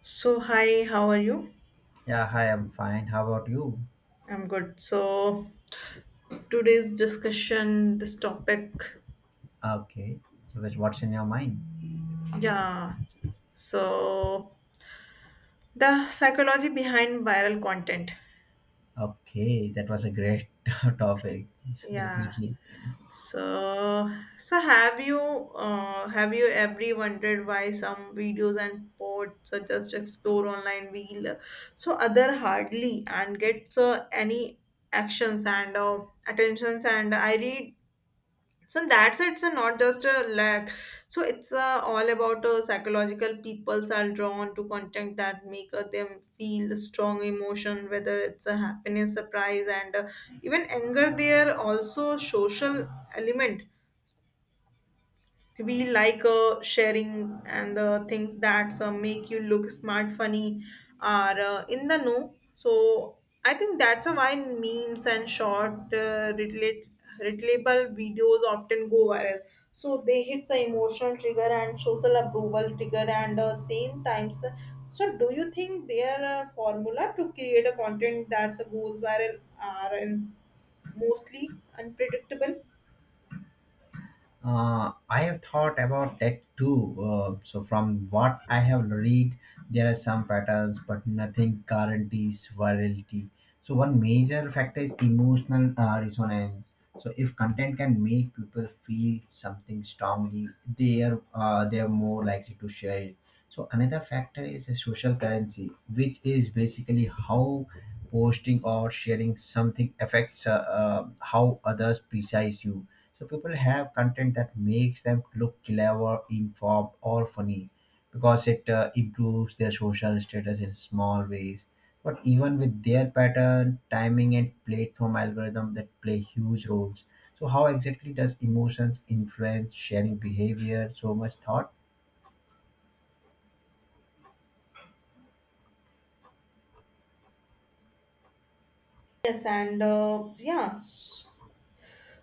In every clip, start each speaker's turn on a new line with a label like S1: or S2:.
S1: So, hi, how are you?
S2: Yeah, hi, I'm fine. How about you?
S1: I'm good. So, today's discussion, this topic,
S2: Okay. So, what's in your mind?
S1: yeah. So, the psychology behind viral content.
S2: Okay, that was a great topic.
S1: Yeah.
S2: Definitely.
S1: So, so have you ever wondered why some videos and posts are just explore online wheel, so other hardly and gets any actions and attentions and I read so in that sense, it's not just a lack. So it's all about psychological. Peoples are drawn to content that make them feel strong emotion, whether it's a happiness, surprise, and even anger. They are also social element we like sharing and the things that make you look smart funny are in the know so I think that's a why memes and short relate relatable videos often go viral so they hit the emotional trigger and social approval trigger and same times so do you think their formula to create a content that's goes viral are in mostly unpredictable.
S2: I have thought about that too. So, from what I have read, there are some patterns, but nothing guarantees virality. So, one major factor is emotional resonance. So, if content can make people feel something strongly, they are more likely to share it. So, another factor is a social currency, which is basically how posting or sharing something affects how others precise you, so people have content that makes them look clever, informed, or funny because it improves their social status in small ways. But even with their pattern, timing, and platform algorithm that play huge roles. So how exactly does emotions influence sharing behavior? So much thought.
S1: Yes, and yeah,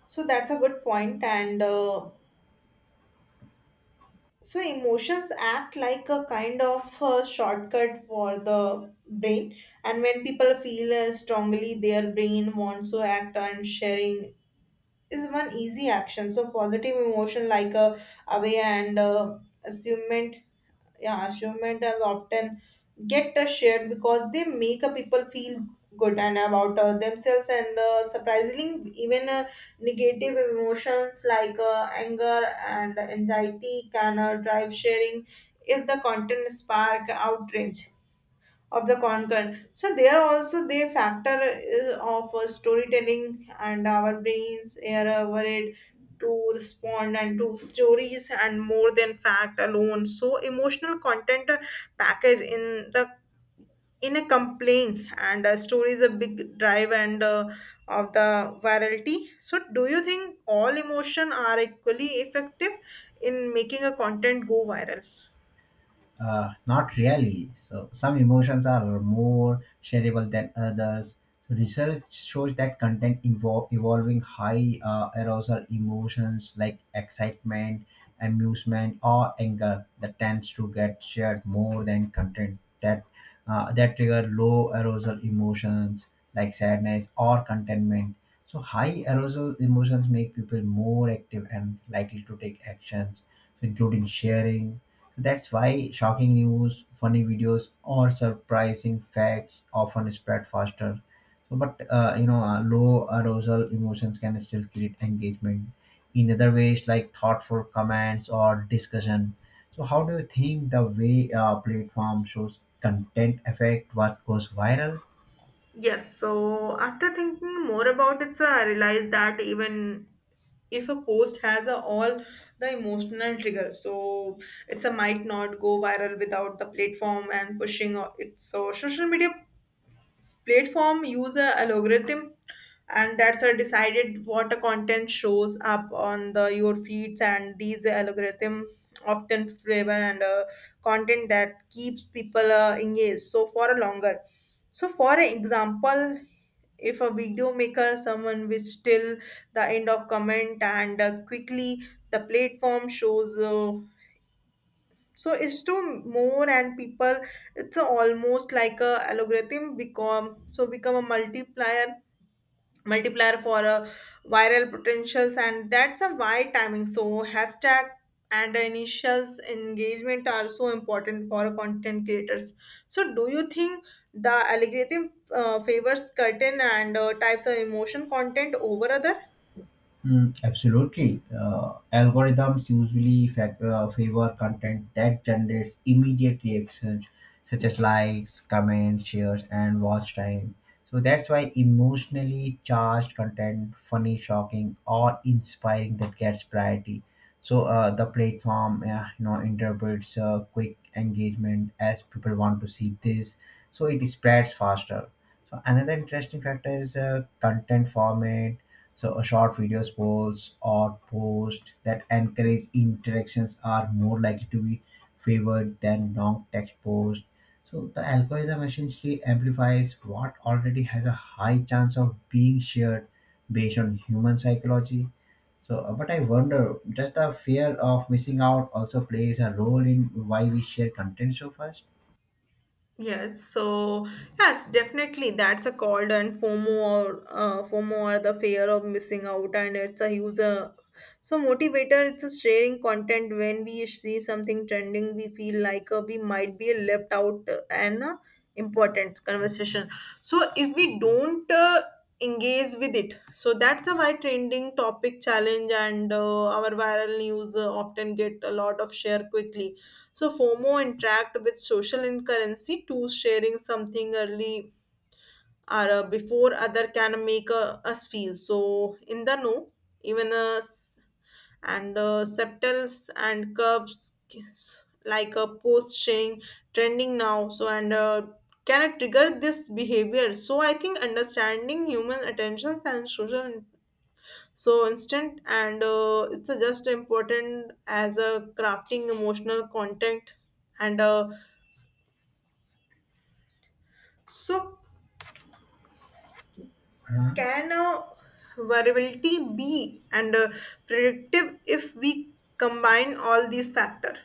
S1: so that's a good point, and so emotions act like a kind of shortcut for the brain. And when people feel strongly, their brain wants to act on sharing is one easy action. So positive emotion like away and assument, yeah, assument as often get shared because they make people feel good and about themselves and surprisingly even negative emotions like anger and anxiety can drive sharing if the content spark outrage of the content. So there also they factor is of storytelling and our brains are worried to respond and to stories and more than fact alone. So emotional content package in the in a complaint and story is a big drive and of the virality. So do you think all emotion are equally effective in making a content go viral?
S2: Not really. So some emotions are more shareable than others. So, research shows that involving high arousal emotions like excitement, amusement, or anger that tends to get shared more than content that that trigger low arousal emotions like sadness or contentment. So high arousal emotions make people more active and likely to take actions, so including sharing. That's why shocking news, funny videos, or surprising facts often spread faster. So, but low arousal emotions can still create engagement in other ways, like thoughtful comments or discussion. So, how do you think the way platform shows content affect what goes viral?
S1: Yes, so after thinking more about it, sir, I realized that even if a post has a, all the emotional trigger, so it's a might not go viral without the platform and pushing o- it. So social media platform use a algorithm and that's a decided what a content shows up on the your feeds and these algorithm often favor and content that keeps people engaged so for a longer so for example if a video maker someone will still the end of comment and quickly the platform shows so it's to more and people it's a almost like a algorithm become so become a multiplier for a viral potentials and that's a why timing so hashtag and initials engagement are so important for content creators so do you think the algorithm favors certain and types of emotion content over other.
S2: Mm, absolutely. Algorithms usually favor content that generates immediate reactions, such as likes, comments, shares, and watch time. So that's why emotionally charged content, funny, shocking, or inspiring that gets priority. So the platform, interprets quick engagement as people want to see this. So it spreads faster. So another interesting factor is content format, so short videos, polls, or posts that encourage interactions are more likely to be favored than long text posts. So the algorithm essentially amplifies what already has a high chance of being shared based on human psychology. So, but I wonder, does the fear of missing out also plays a role in why we share content so fast?
S1: Yes, so yes, definitely that's a called and FOMO or the fear of missing out, and it's a huge so motivator. It's a sharing content when we see something trending, we feel like we might be left out an important conversation. So if we don't engage with it, so that's a why trending topic challenge and our viral news often get a lot of share quickly so FOMO interact with social currency tools sharing something early or before other can make us feel so in the know even us and septals and curves like a post saying trending now so and can it trigger this behavior so I think understanding human attentions and social so instant and it's just important as a crafting emotional content and so,
S2: Uh-huh.
S1: can a variability be and predictive if we combine all these factors?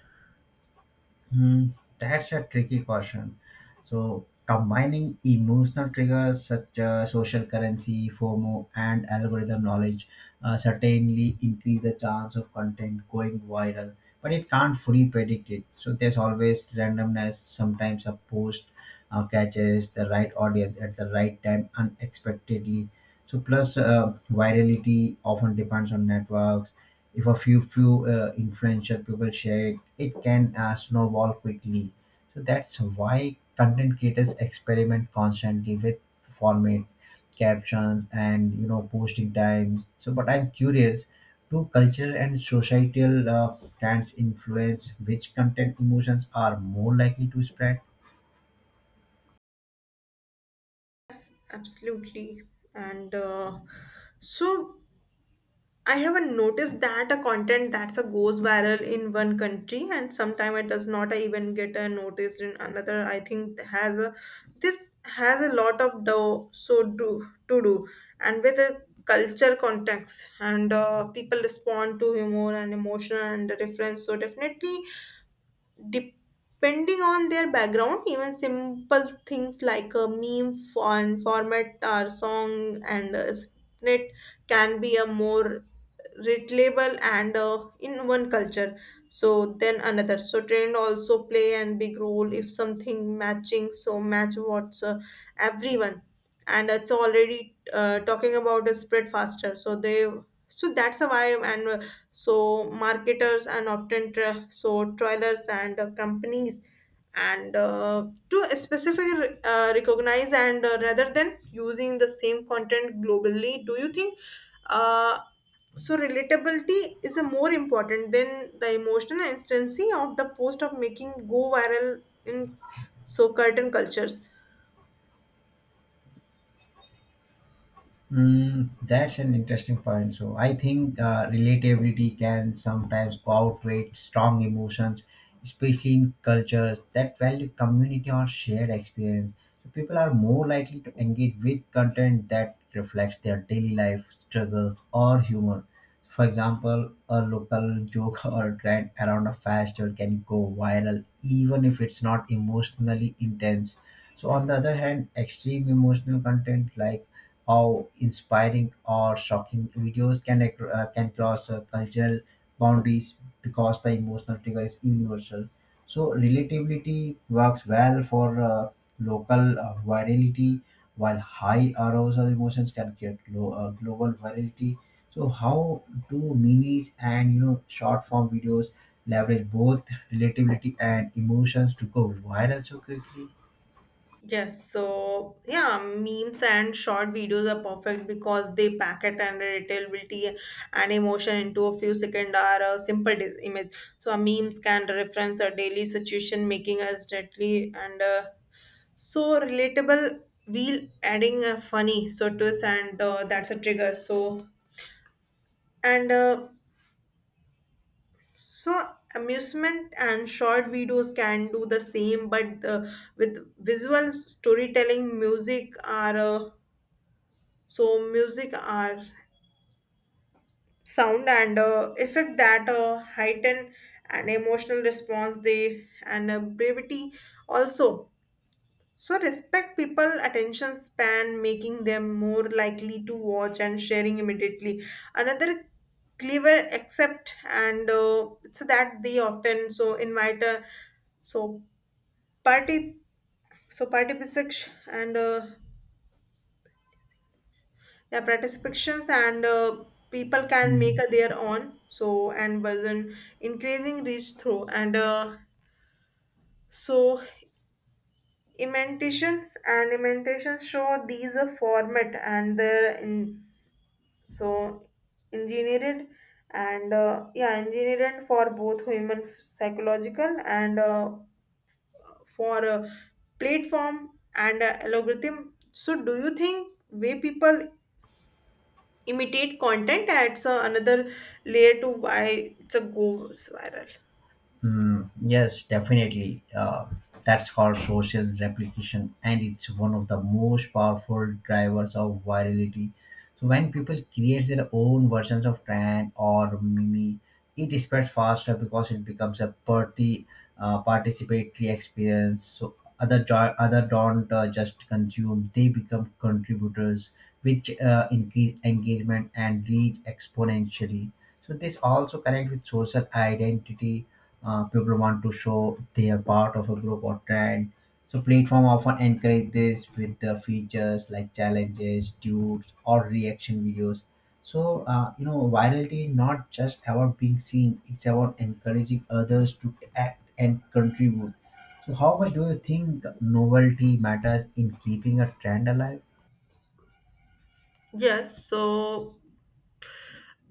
S2: Hmm, that's a tricky question. So, combining emotional triggers such as social currency, FOMO, and algorithm knowledge certainly increase the chance of content going viral, but it can't fully predict it. So, there's always randomness. Sometimes a post catches the right audience at the right time unexpectedly. So, plus virality often depends on networks. If a few influential people share it, it can snowball quickly. So that's why content creators experiment constantly with formats, captions, and you know posting times. So, but I'm curious. Do cultural and societal trends influence which content emotions are more likely to spread?
S1: Absolutely. And so, I haven't noticed that a content that's a goes viral in one country and sometime it does not even get a notice in another. I think has a this has a lot of do so do to do and with the culture context and people respond to humor and emotion and reference. So definitely depending on their background even simple things like a meme font format or song and a split can be a more relatable and in one culture so then another so trend also play and big role if something matching so match what's everyone and it's already talking about a spread faster so they so that's a why and so marketers and often tra- so trailers and companies and to specifically recognize and rather than using the same content globally do you think uh, so relatability is a more important than the emotional instancy of the post of making go viral in so curtain cultures.
S2: Mm, that's an interesting point. So I think relatability can sometimes outweigh strong emotions, especially in cultures that value community or shared experience. So people are more likely to engage with content that reflects their daily life struggles or humor. For example, a local joke or trend around a fast food can go viral even if it's not emotionally intense. So, on the other hand, extreme emotional content like how inspiring or shocking videos can cross cultural boundaries because the emotional trigger is universal. So, relatability works well for local virality, while high arousal emotions can create low, global virality. So, how do minis and you know short form videos leverage both relatability and emotions to go viral so quickly?
S1: Yes, so yeah, memes and short videos are perfect because they pack it and retail and emotion into a few second or a simple di- image. So a memes can reference a daily situation, making us deadly and so relatable. We'll adding a funny so twist and that's a trigger. So and so amusement and short videos can do the same, but with visual storytelling, music or so music are sound and effect that heighten an emotional response they and brevity also. So respect people attention span making them more likely to watch and sharing immediately. Another clever accept and it's that they often so invite a so party so party physics and yeah, practice pictures and people can
S2: Hmm.
S1: make a their own. So and version increasing reach through and so imitations show these a format and they're in, so engineered and yeah engineered for both human psychological and for platform and algorithm. So do you think way people imitate content adds another layer to why it's a goes viral.
S2: Mm, yes, definitely. That's called social replication, and it's one of the most powerful drivers of virality. So when people create their own versions of trend or meme, it spreads faster because it becomes a party participatory experience. So other don't just consume; they become contributors, which increase engagement and reach exponentially. So this also connects with social identity. People want to show they are part of a group or trend, so platform often encourage this with the features like challenges, dudes, or reaction videos. So you know virality is not just about being seen, it's about encouraging others to act and contribute. So how much do you think novelty matters in keeping a trend alive?
S1: Yes so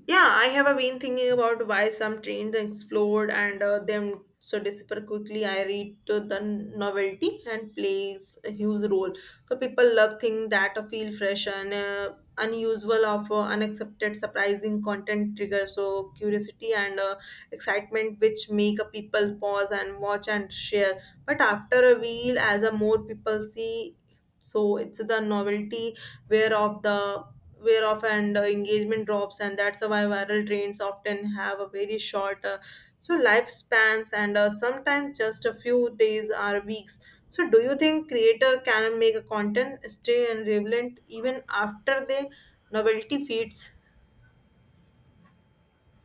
S1: yeah, I have been thinking about why some trains explode and them so disappear quickly. I read to the novelty and plays a huge role. So people love things that feel fresh and unusual of unaccepted, surprising content trigger. So curiosity and excitement which make people pause and watch and share. But after a while, as a more people see, so it's the novelty where of the whereof and engagement drops and that's why viral trends often have a very short so lifespans and sometimes just a few days or weeks so do you think creator can make a content stay and relevant even after the novelty fades.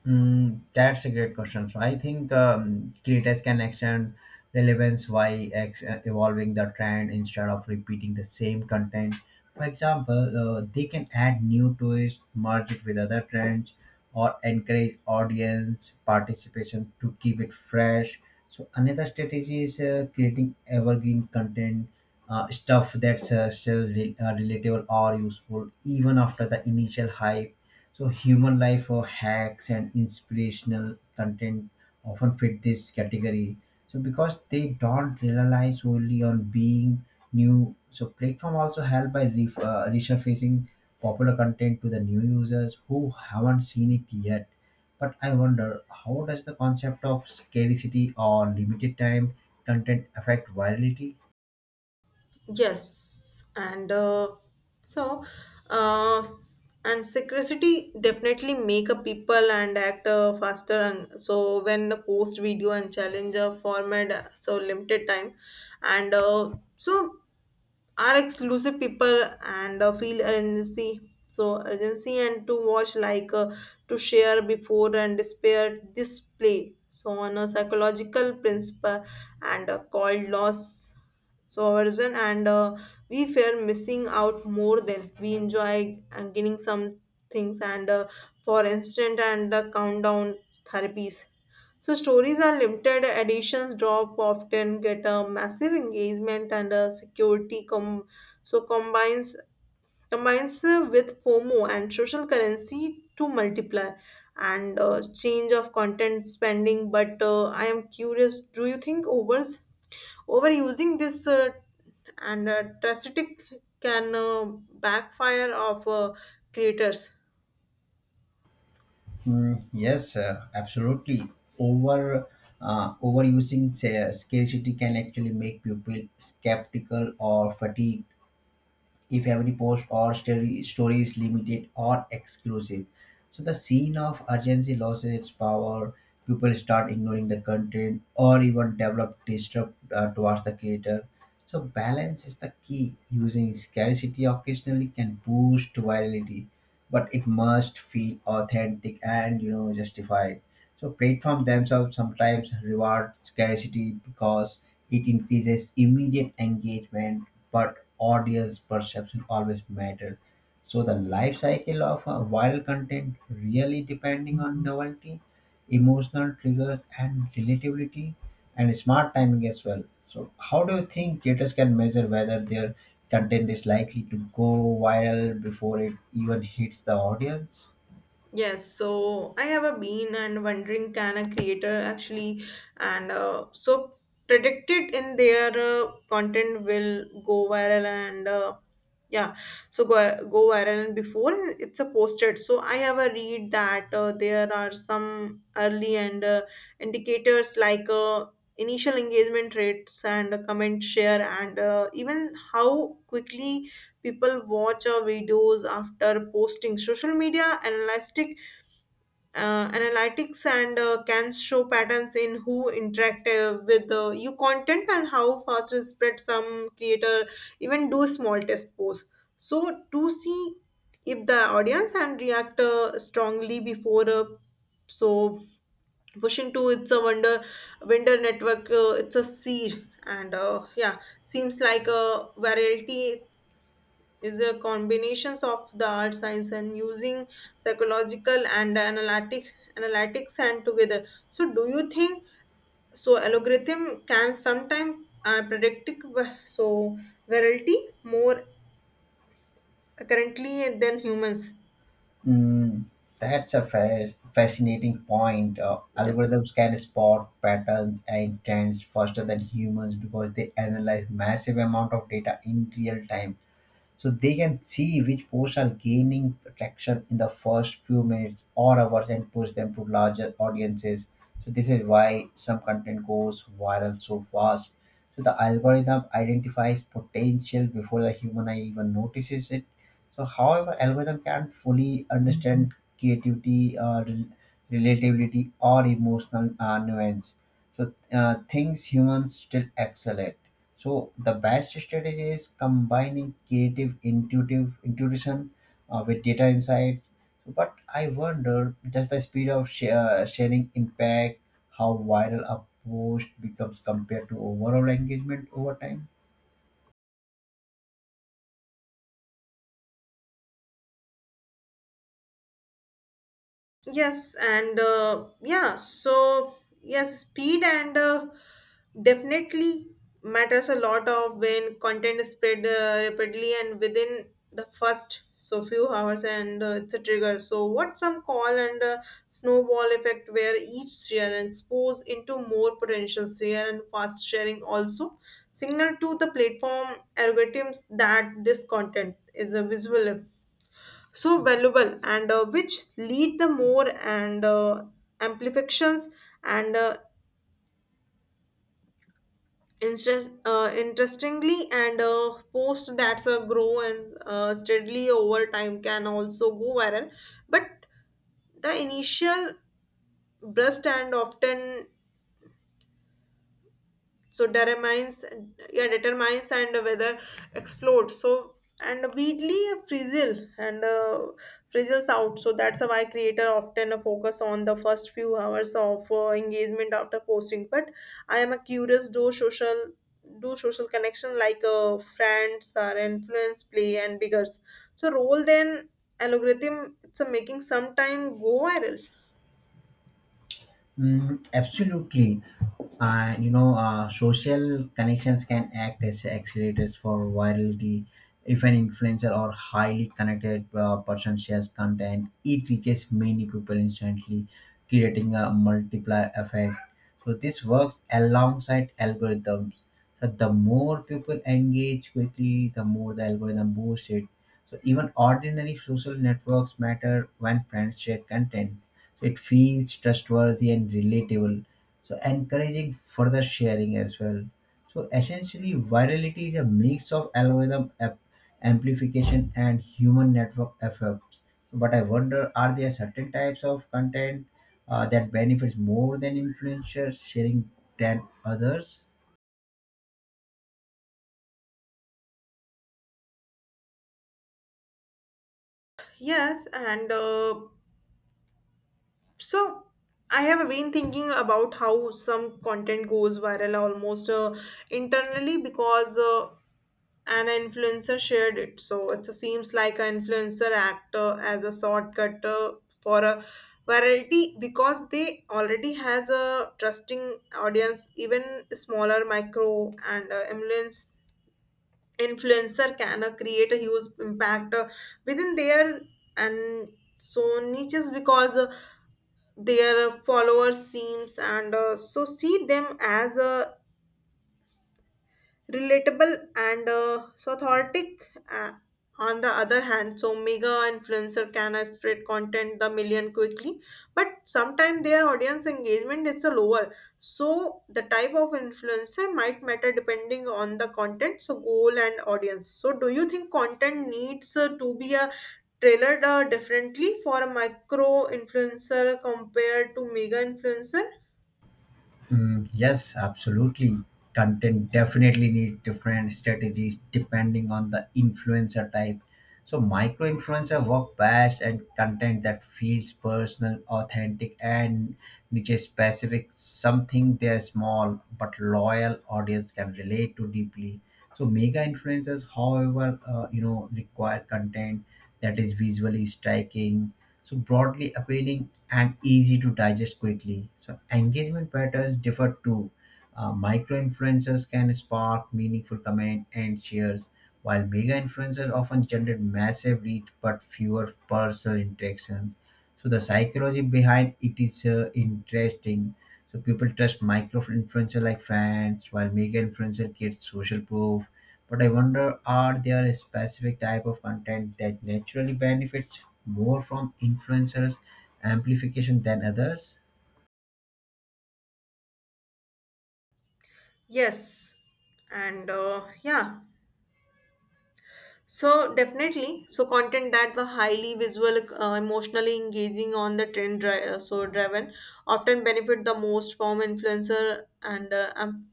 S2: Mm, that's a great question. So I think creators can extend relevance by evolving the trend instead of repeating the same content. For example, they can add new twists, merge it with other trends, or encourage audience participation to keep it fresh. So another strategy is creating evergreen content, stuff that's still relatable or useful even after the initial hype. So human life or hacks and inspirational content often fit this category, so because they don't rely solely on being new. So platform also help by resurfacing popular content to the new users who haven't seen it yet. But I wonder how does the concept of scarcity or limited time content affect virality?
S1: Yes, and so s- and secrecy definitely make a people and act faster. And so when the post video and challenge format so limited time, and so are exclusive people and feel urgency so urgency and to watch like to share before and despair display so on a psychological principle and called loss so aversion and we fear missing out more than we enjoy and gaining some things and for instant and countdown therapies so stories are limited editions drop often get a massive engagement and a security com so combines with FOMO and social currency to multiply and change of content spending but I am curious do you think overs overusing this and drastic can backfire of creators.
S2: Mm, yes, absolutely. Over Overusing scarcity can actually make people skeptical or fatigued if every post or story is limited or exclusive. So the scene of urgency loses its power. People start ignoring the content or even develop distrust towards the creator. So balance is the key. Using scarcity occasionally can boost virality, but it must feel authentic and you know justified. So platforms themselves sometimes reward scarcity because it increases immediate engagement, but audience perception always mattered. So the life cycle of a viral content really depending on novelty, emotional triggers, and relatability, and smart timing as well. So how do you think creators can measure whether their content is likely to go viral before it even hits the audience?
S1: Yes, so I have a been and wondering can a creator actually and so predicted in their content will go viral and yeah, so go go viral and before it's a posted. So I have a read that there are some early and indicators like initial engagement rates and comment share and even how quickly people watch our videos after posting. Social media analytics and can show patterns in who interact with your content and how fast it spread some creator even do small test posts so to see if the audience and react strongly before so push into it's a wonder vendor network it's a seed and yeah seems like a variety is a combinations of the art science and using psychological and analytics and together so do you think so algorithm can sometime predict so variety more currently than humans.
S2: Mm, that's a fascinating point.
S1: Yeah.
S2: Algorithms can spot patterns and trends faster than humans because they analyze massive amount of data in real time, so they can see which posts are gaining traction in the first few minutes or hours and push them to larger audiences. So this is why some content goes viral so fast, so the algorithm identifies potential before the human eye even notices it. So however algorithm can fully understand creativity, rel- relatability or emotional nuance, so things humans still excel at. So the best strategy is combining creative, intuitive intuition with data insights. But I wonder, does the speed of sharing impact how viral a post becomes compared to overall engagement over time?
S1: Yes, and yeah, so yes, speed and definitely matters a lot of when content is spread rapidly and within the first so few hours and it's a trigger. So what some call and snowball effect where each share and expose into more potential share, and fast sharing also signal to the platform algorithms that this content is a visual so valuable, and which lead the more and amplifications. and uh, Interestingly, and post that's a grow and steadily over time can also go viral, but the initial burst and often so determines, yeah, determines and whether explode, so and weedly frizzle and frizzles out. So that's why creator often focus on the first few hours of engagement after posting. But I am a curious, do social connection like friends or influence play and biggers so role then algorithm, it's a making sometime go viral.
S2: Mm, absolutely. And you know, social connections can act as accelerators for virality. If an influencer or highly connected person shares content, it reaches many people instantly, creating a multiplier effect. So, this works alongside algorithms. So, the more people engage quickly, the more the algorithm boosts it, so even ordinary social networks matter when friends share content. So it feels trustworthy and relatable, so encouraging further sharing as well. So essentially, virality is a mix of algorithm amplification and human network effects. So, but I wonder, are there certain types of content that benefits more than influencers sharing than others?
S1: Yes and So I have been thinking about how some content goes viral almost internally because an influencer shared it. So it seems like an influencer act as a shortcut for a virality because they already has a trusting audience. Even smaller micro and influence influencer can create a huge impact within their and so niches because. Their followers seems and so see them as a relatable and so authentic. On the other hand, so mega influencer can spread content the million quickly, but sometimes their audience engagement is a lower. So the type of influencer might matter depending on the content so goal and audience. So do you think content needs to be a tailored differently for a micro influencer compared to mega influencer?
S2: Mm, yes, absolutely. Content definitely needs different strategies depending on the influencer type. So micro influencer work best and content that feels personal, authentic, and niche specific, something their small but loyal audience can relate to deeply. So mega influencers, however, require content that is visually striking, so broadly appealing and easy to digest quickly. So engagement patterns differ too. Micro influencers can spark meaningful comment and shares, while mega influencers often generate massive reach but fewer personal interactions. So the psychology behind it is interesting. So people trust micro influencer like fans, while mega influencer gets social proof. But I wonder, are there a specific type of content that naturally benefits more from influencers' amplification than others?
S1: Yes, and uh, yeah, so definitely, so content that the highly visual, emotionally engaging on the so driven often benefit the most from influencer and amplifiers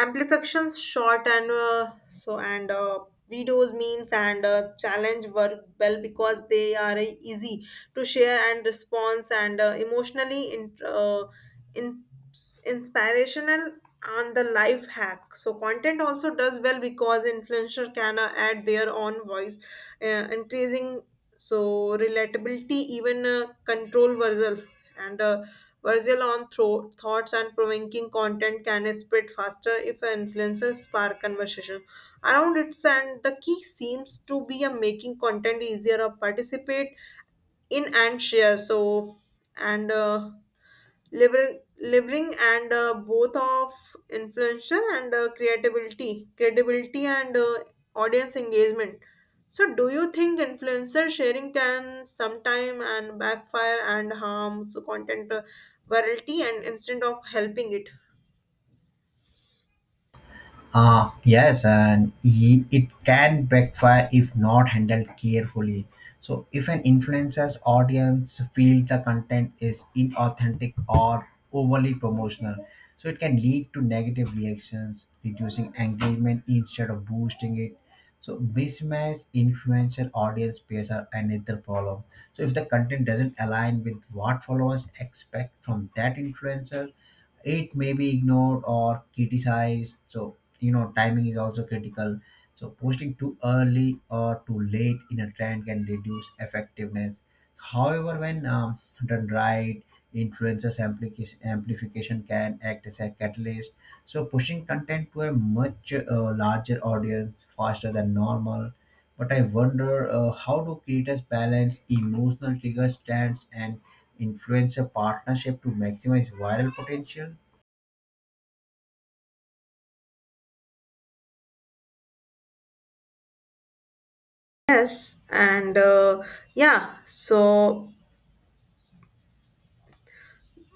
S1: amplifications short and so and videos, memes and challenge work well because they are easy to share and response and emotionally in, inspirational on the life hack so content also does well because influencer can add their own voice, increasing so relatability. Even control versal and Virgil on thoughts and provoking content can spread faster if influencers spark conversation around it. And the key seems to be a making content easier to participate in and share. So, and uh, living and both of influencer and creativity, credibility and audience engagement. So do you think influencer sharing can sometime and backfire and harms content virality and instead of helping it?
S2: Yes, and it can backfire if not handled carefully. So, if an influencer's audience feels the content is inauthentic or overly promotional, so it can lead to negative reactions, reducing engagement instead of boosting it. So, mismatched influencer audience pairs are another problem. So, if the content doesn't align with what followers expect from that influencer, it may be ignored or criticized. So you know timing is also critical, so posting too early or too late in a trend can reduce effectiveness. However, when done right, amplification can act as a catalyst, so pushing content to a much larger audience faster than normal. But I wonder how do creators balance emotional trigger stands and influencer partnership to maximize viral potential?
S1: Yes, and yeah, so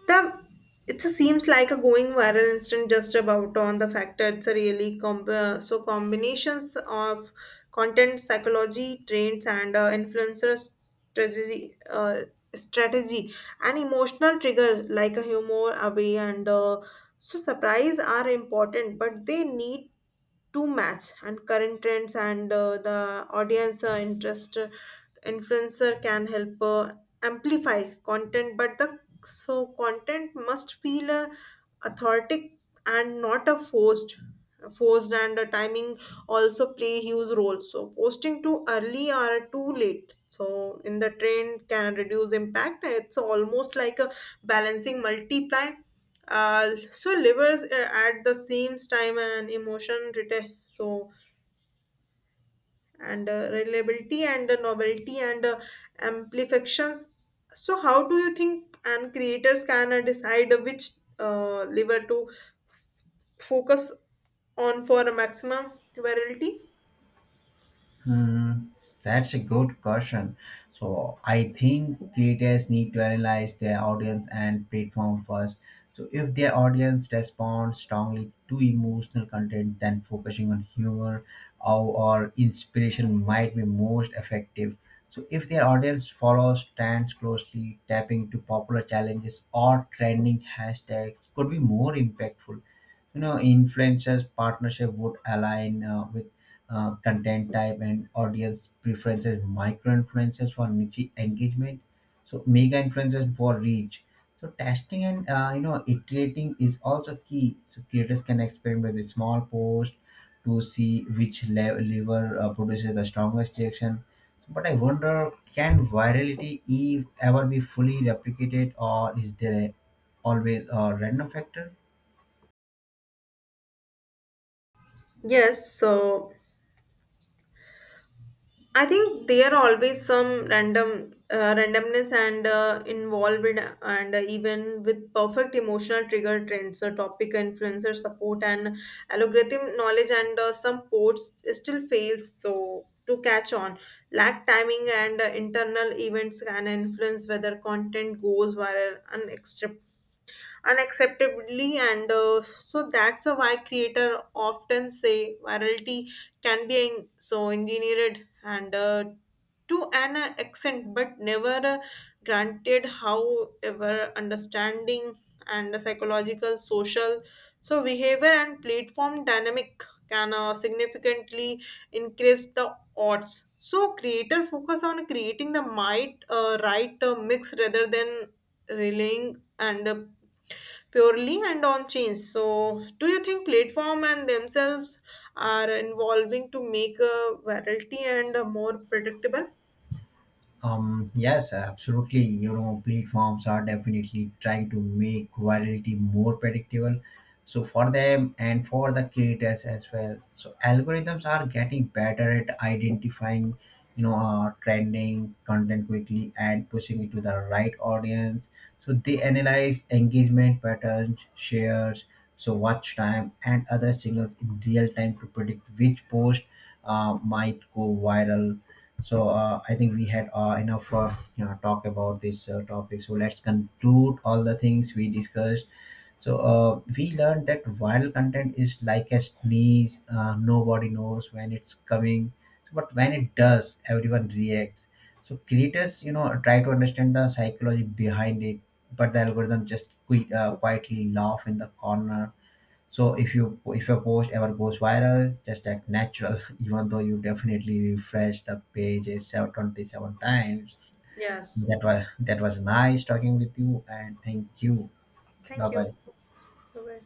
S1: The it seems like a going viral instant just about on the fact that it's a really so combinations of content psychology trends and influencer strategy uh, strategy and emotional trigger like a humor away and so surprise are important, but they need to match and current trends and the audience interest. Influencer can help amplify content, but the so content must feel authentic and not a forced. And the timing also play huge role, so posting too early or too late so in the trend can reduce impact. It's almost like a balancing multiply so livers at the same time an so and reliability and novelty and amplifications. So how do you think and creators can decide which liver to focus on for a maximum virality?
S2: Hmm, that's a good question. So I think creators need to analyze their audience and platform first. So if their audience responds strongly to emotional content, then focusing on humor or, or inspiration might be most effective. So if their audience follows trends closely, tapping to popular challenges or trending hashtags could be more impactful. You know influencers partnership would align with content type and audience preferences, micro influencers for niche engagement, so mega influencers for reach. So testing and iterating is also key. So creators can experiment with small post to see which lever produces the strongest reaction. But I wonder, can virality ever be fully replicated, or is there always a random factor?
S1: Yes so I think there are always some randomness and involved in- and even with perfect emotional trigger trends, topic influencer support and algorithm knowledge, and some ports still fails so to catch on. Lack timing and internal events can influence whether content goes viral unacceptably, and so that's why creator often say virality can be so engineered and to an accent but never granted. However, understanding and psychological social so behavior and platform dynamic can significantly increase the odds. So creator focus on creating the might right mix rather than relying and purely and on change. So do you think platform and themselves are involving to make a variety and more predictable?
S2: Yes, absolutely. You know, platforms are definitely trying to make virality more predictable. So for them and for the creators as well. So algorithms are getting better at identifying, trending content quickly and pushing it to the right audience. So they analyze engagement patterns, shares, so watch time, and other signals in real time to predict which post might go viral. So I think we had enough talk about this topic. So let's conclude all the things we discussed. So we learned that viral content is like a sneeze. Nobody knows when it's coming, so, but when it does, everyone reacts. So creators, you know, try to understand the psychology behind it, but the algorithm just quietly laugh in the corner. So if your post ever goes viral, just act natural, even though you definitely refresh the page is 27 times.
S1: Yes.
S2: That was nice talking with you, and thank you. Bye
S1: Thank you.
S2: bye.
S1: Bye bye.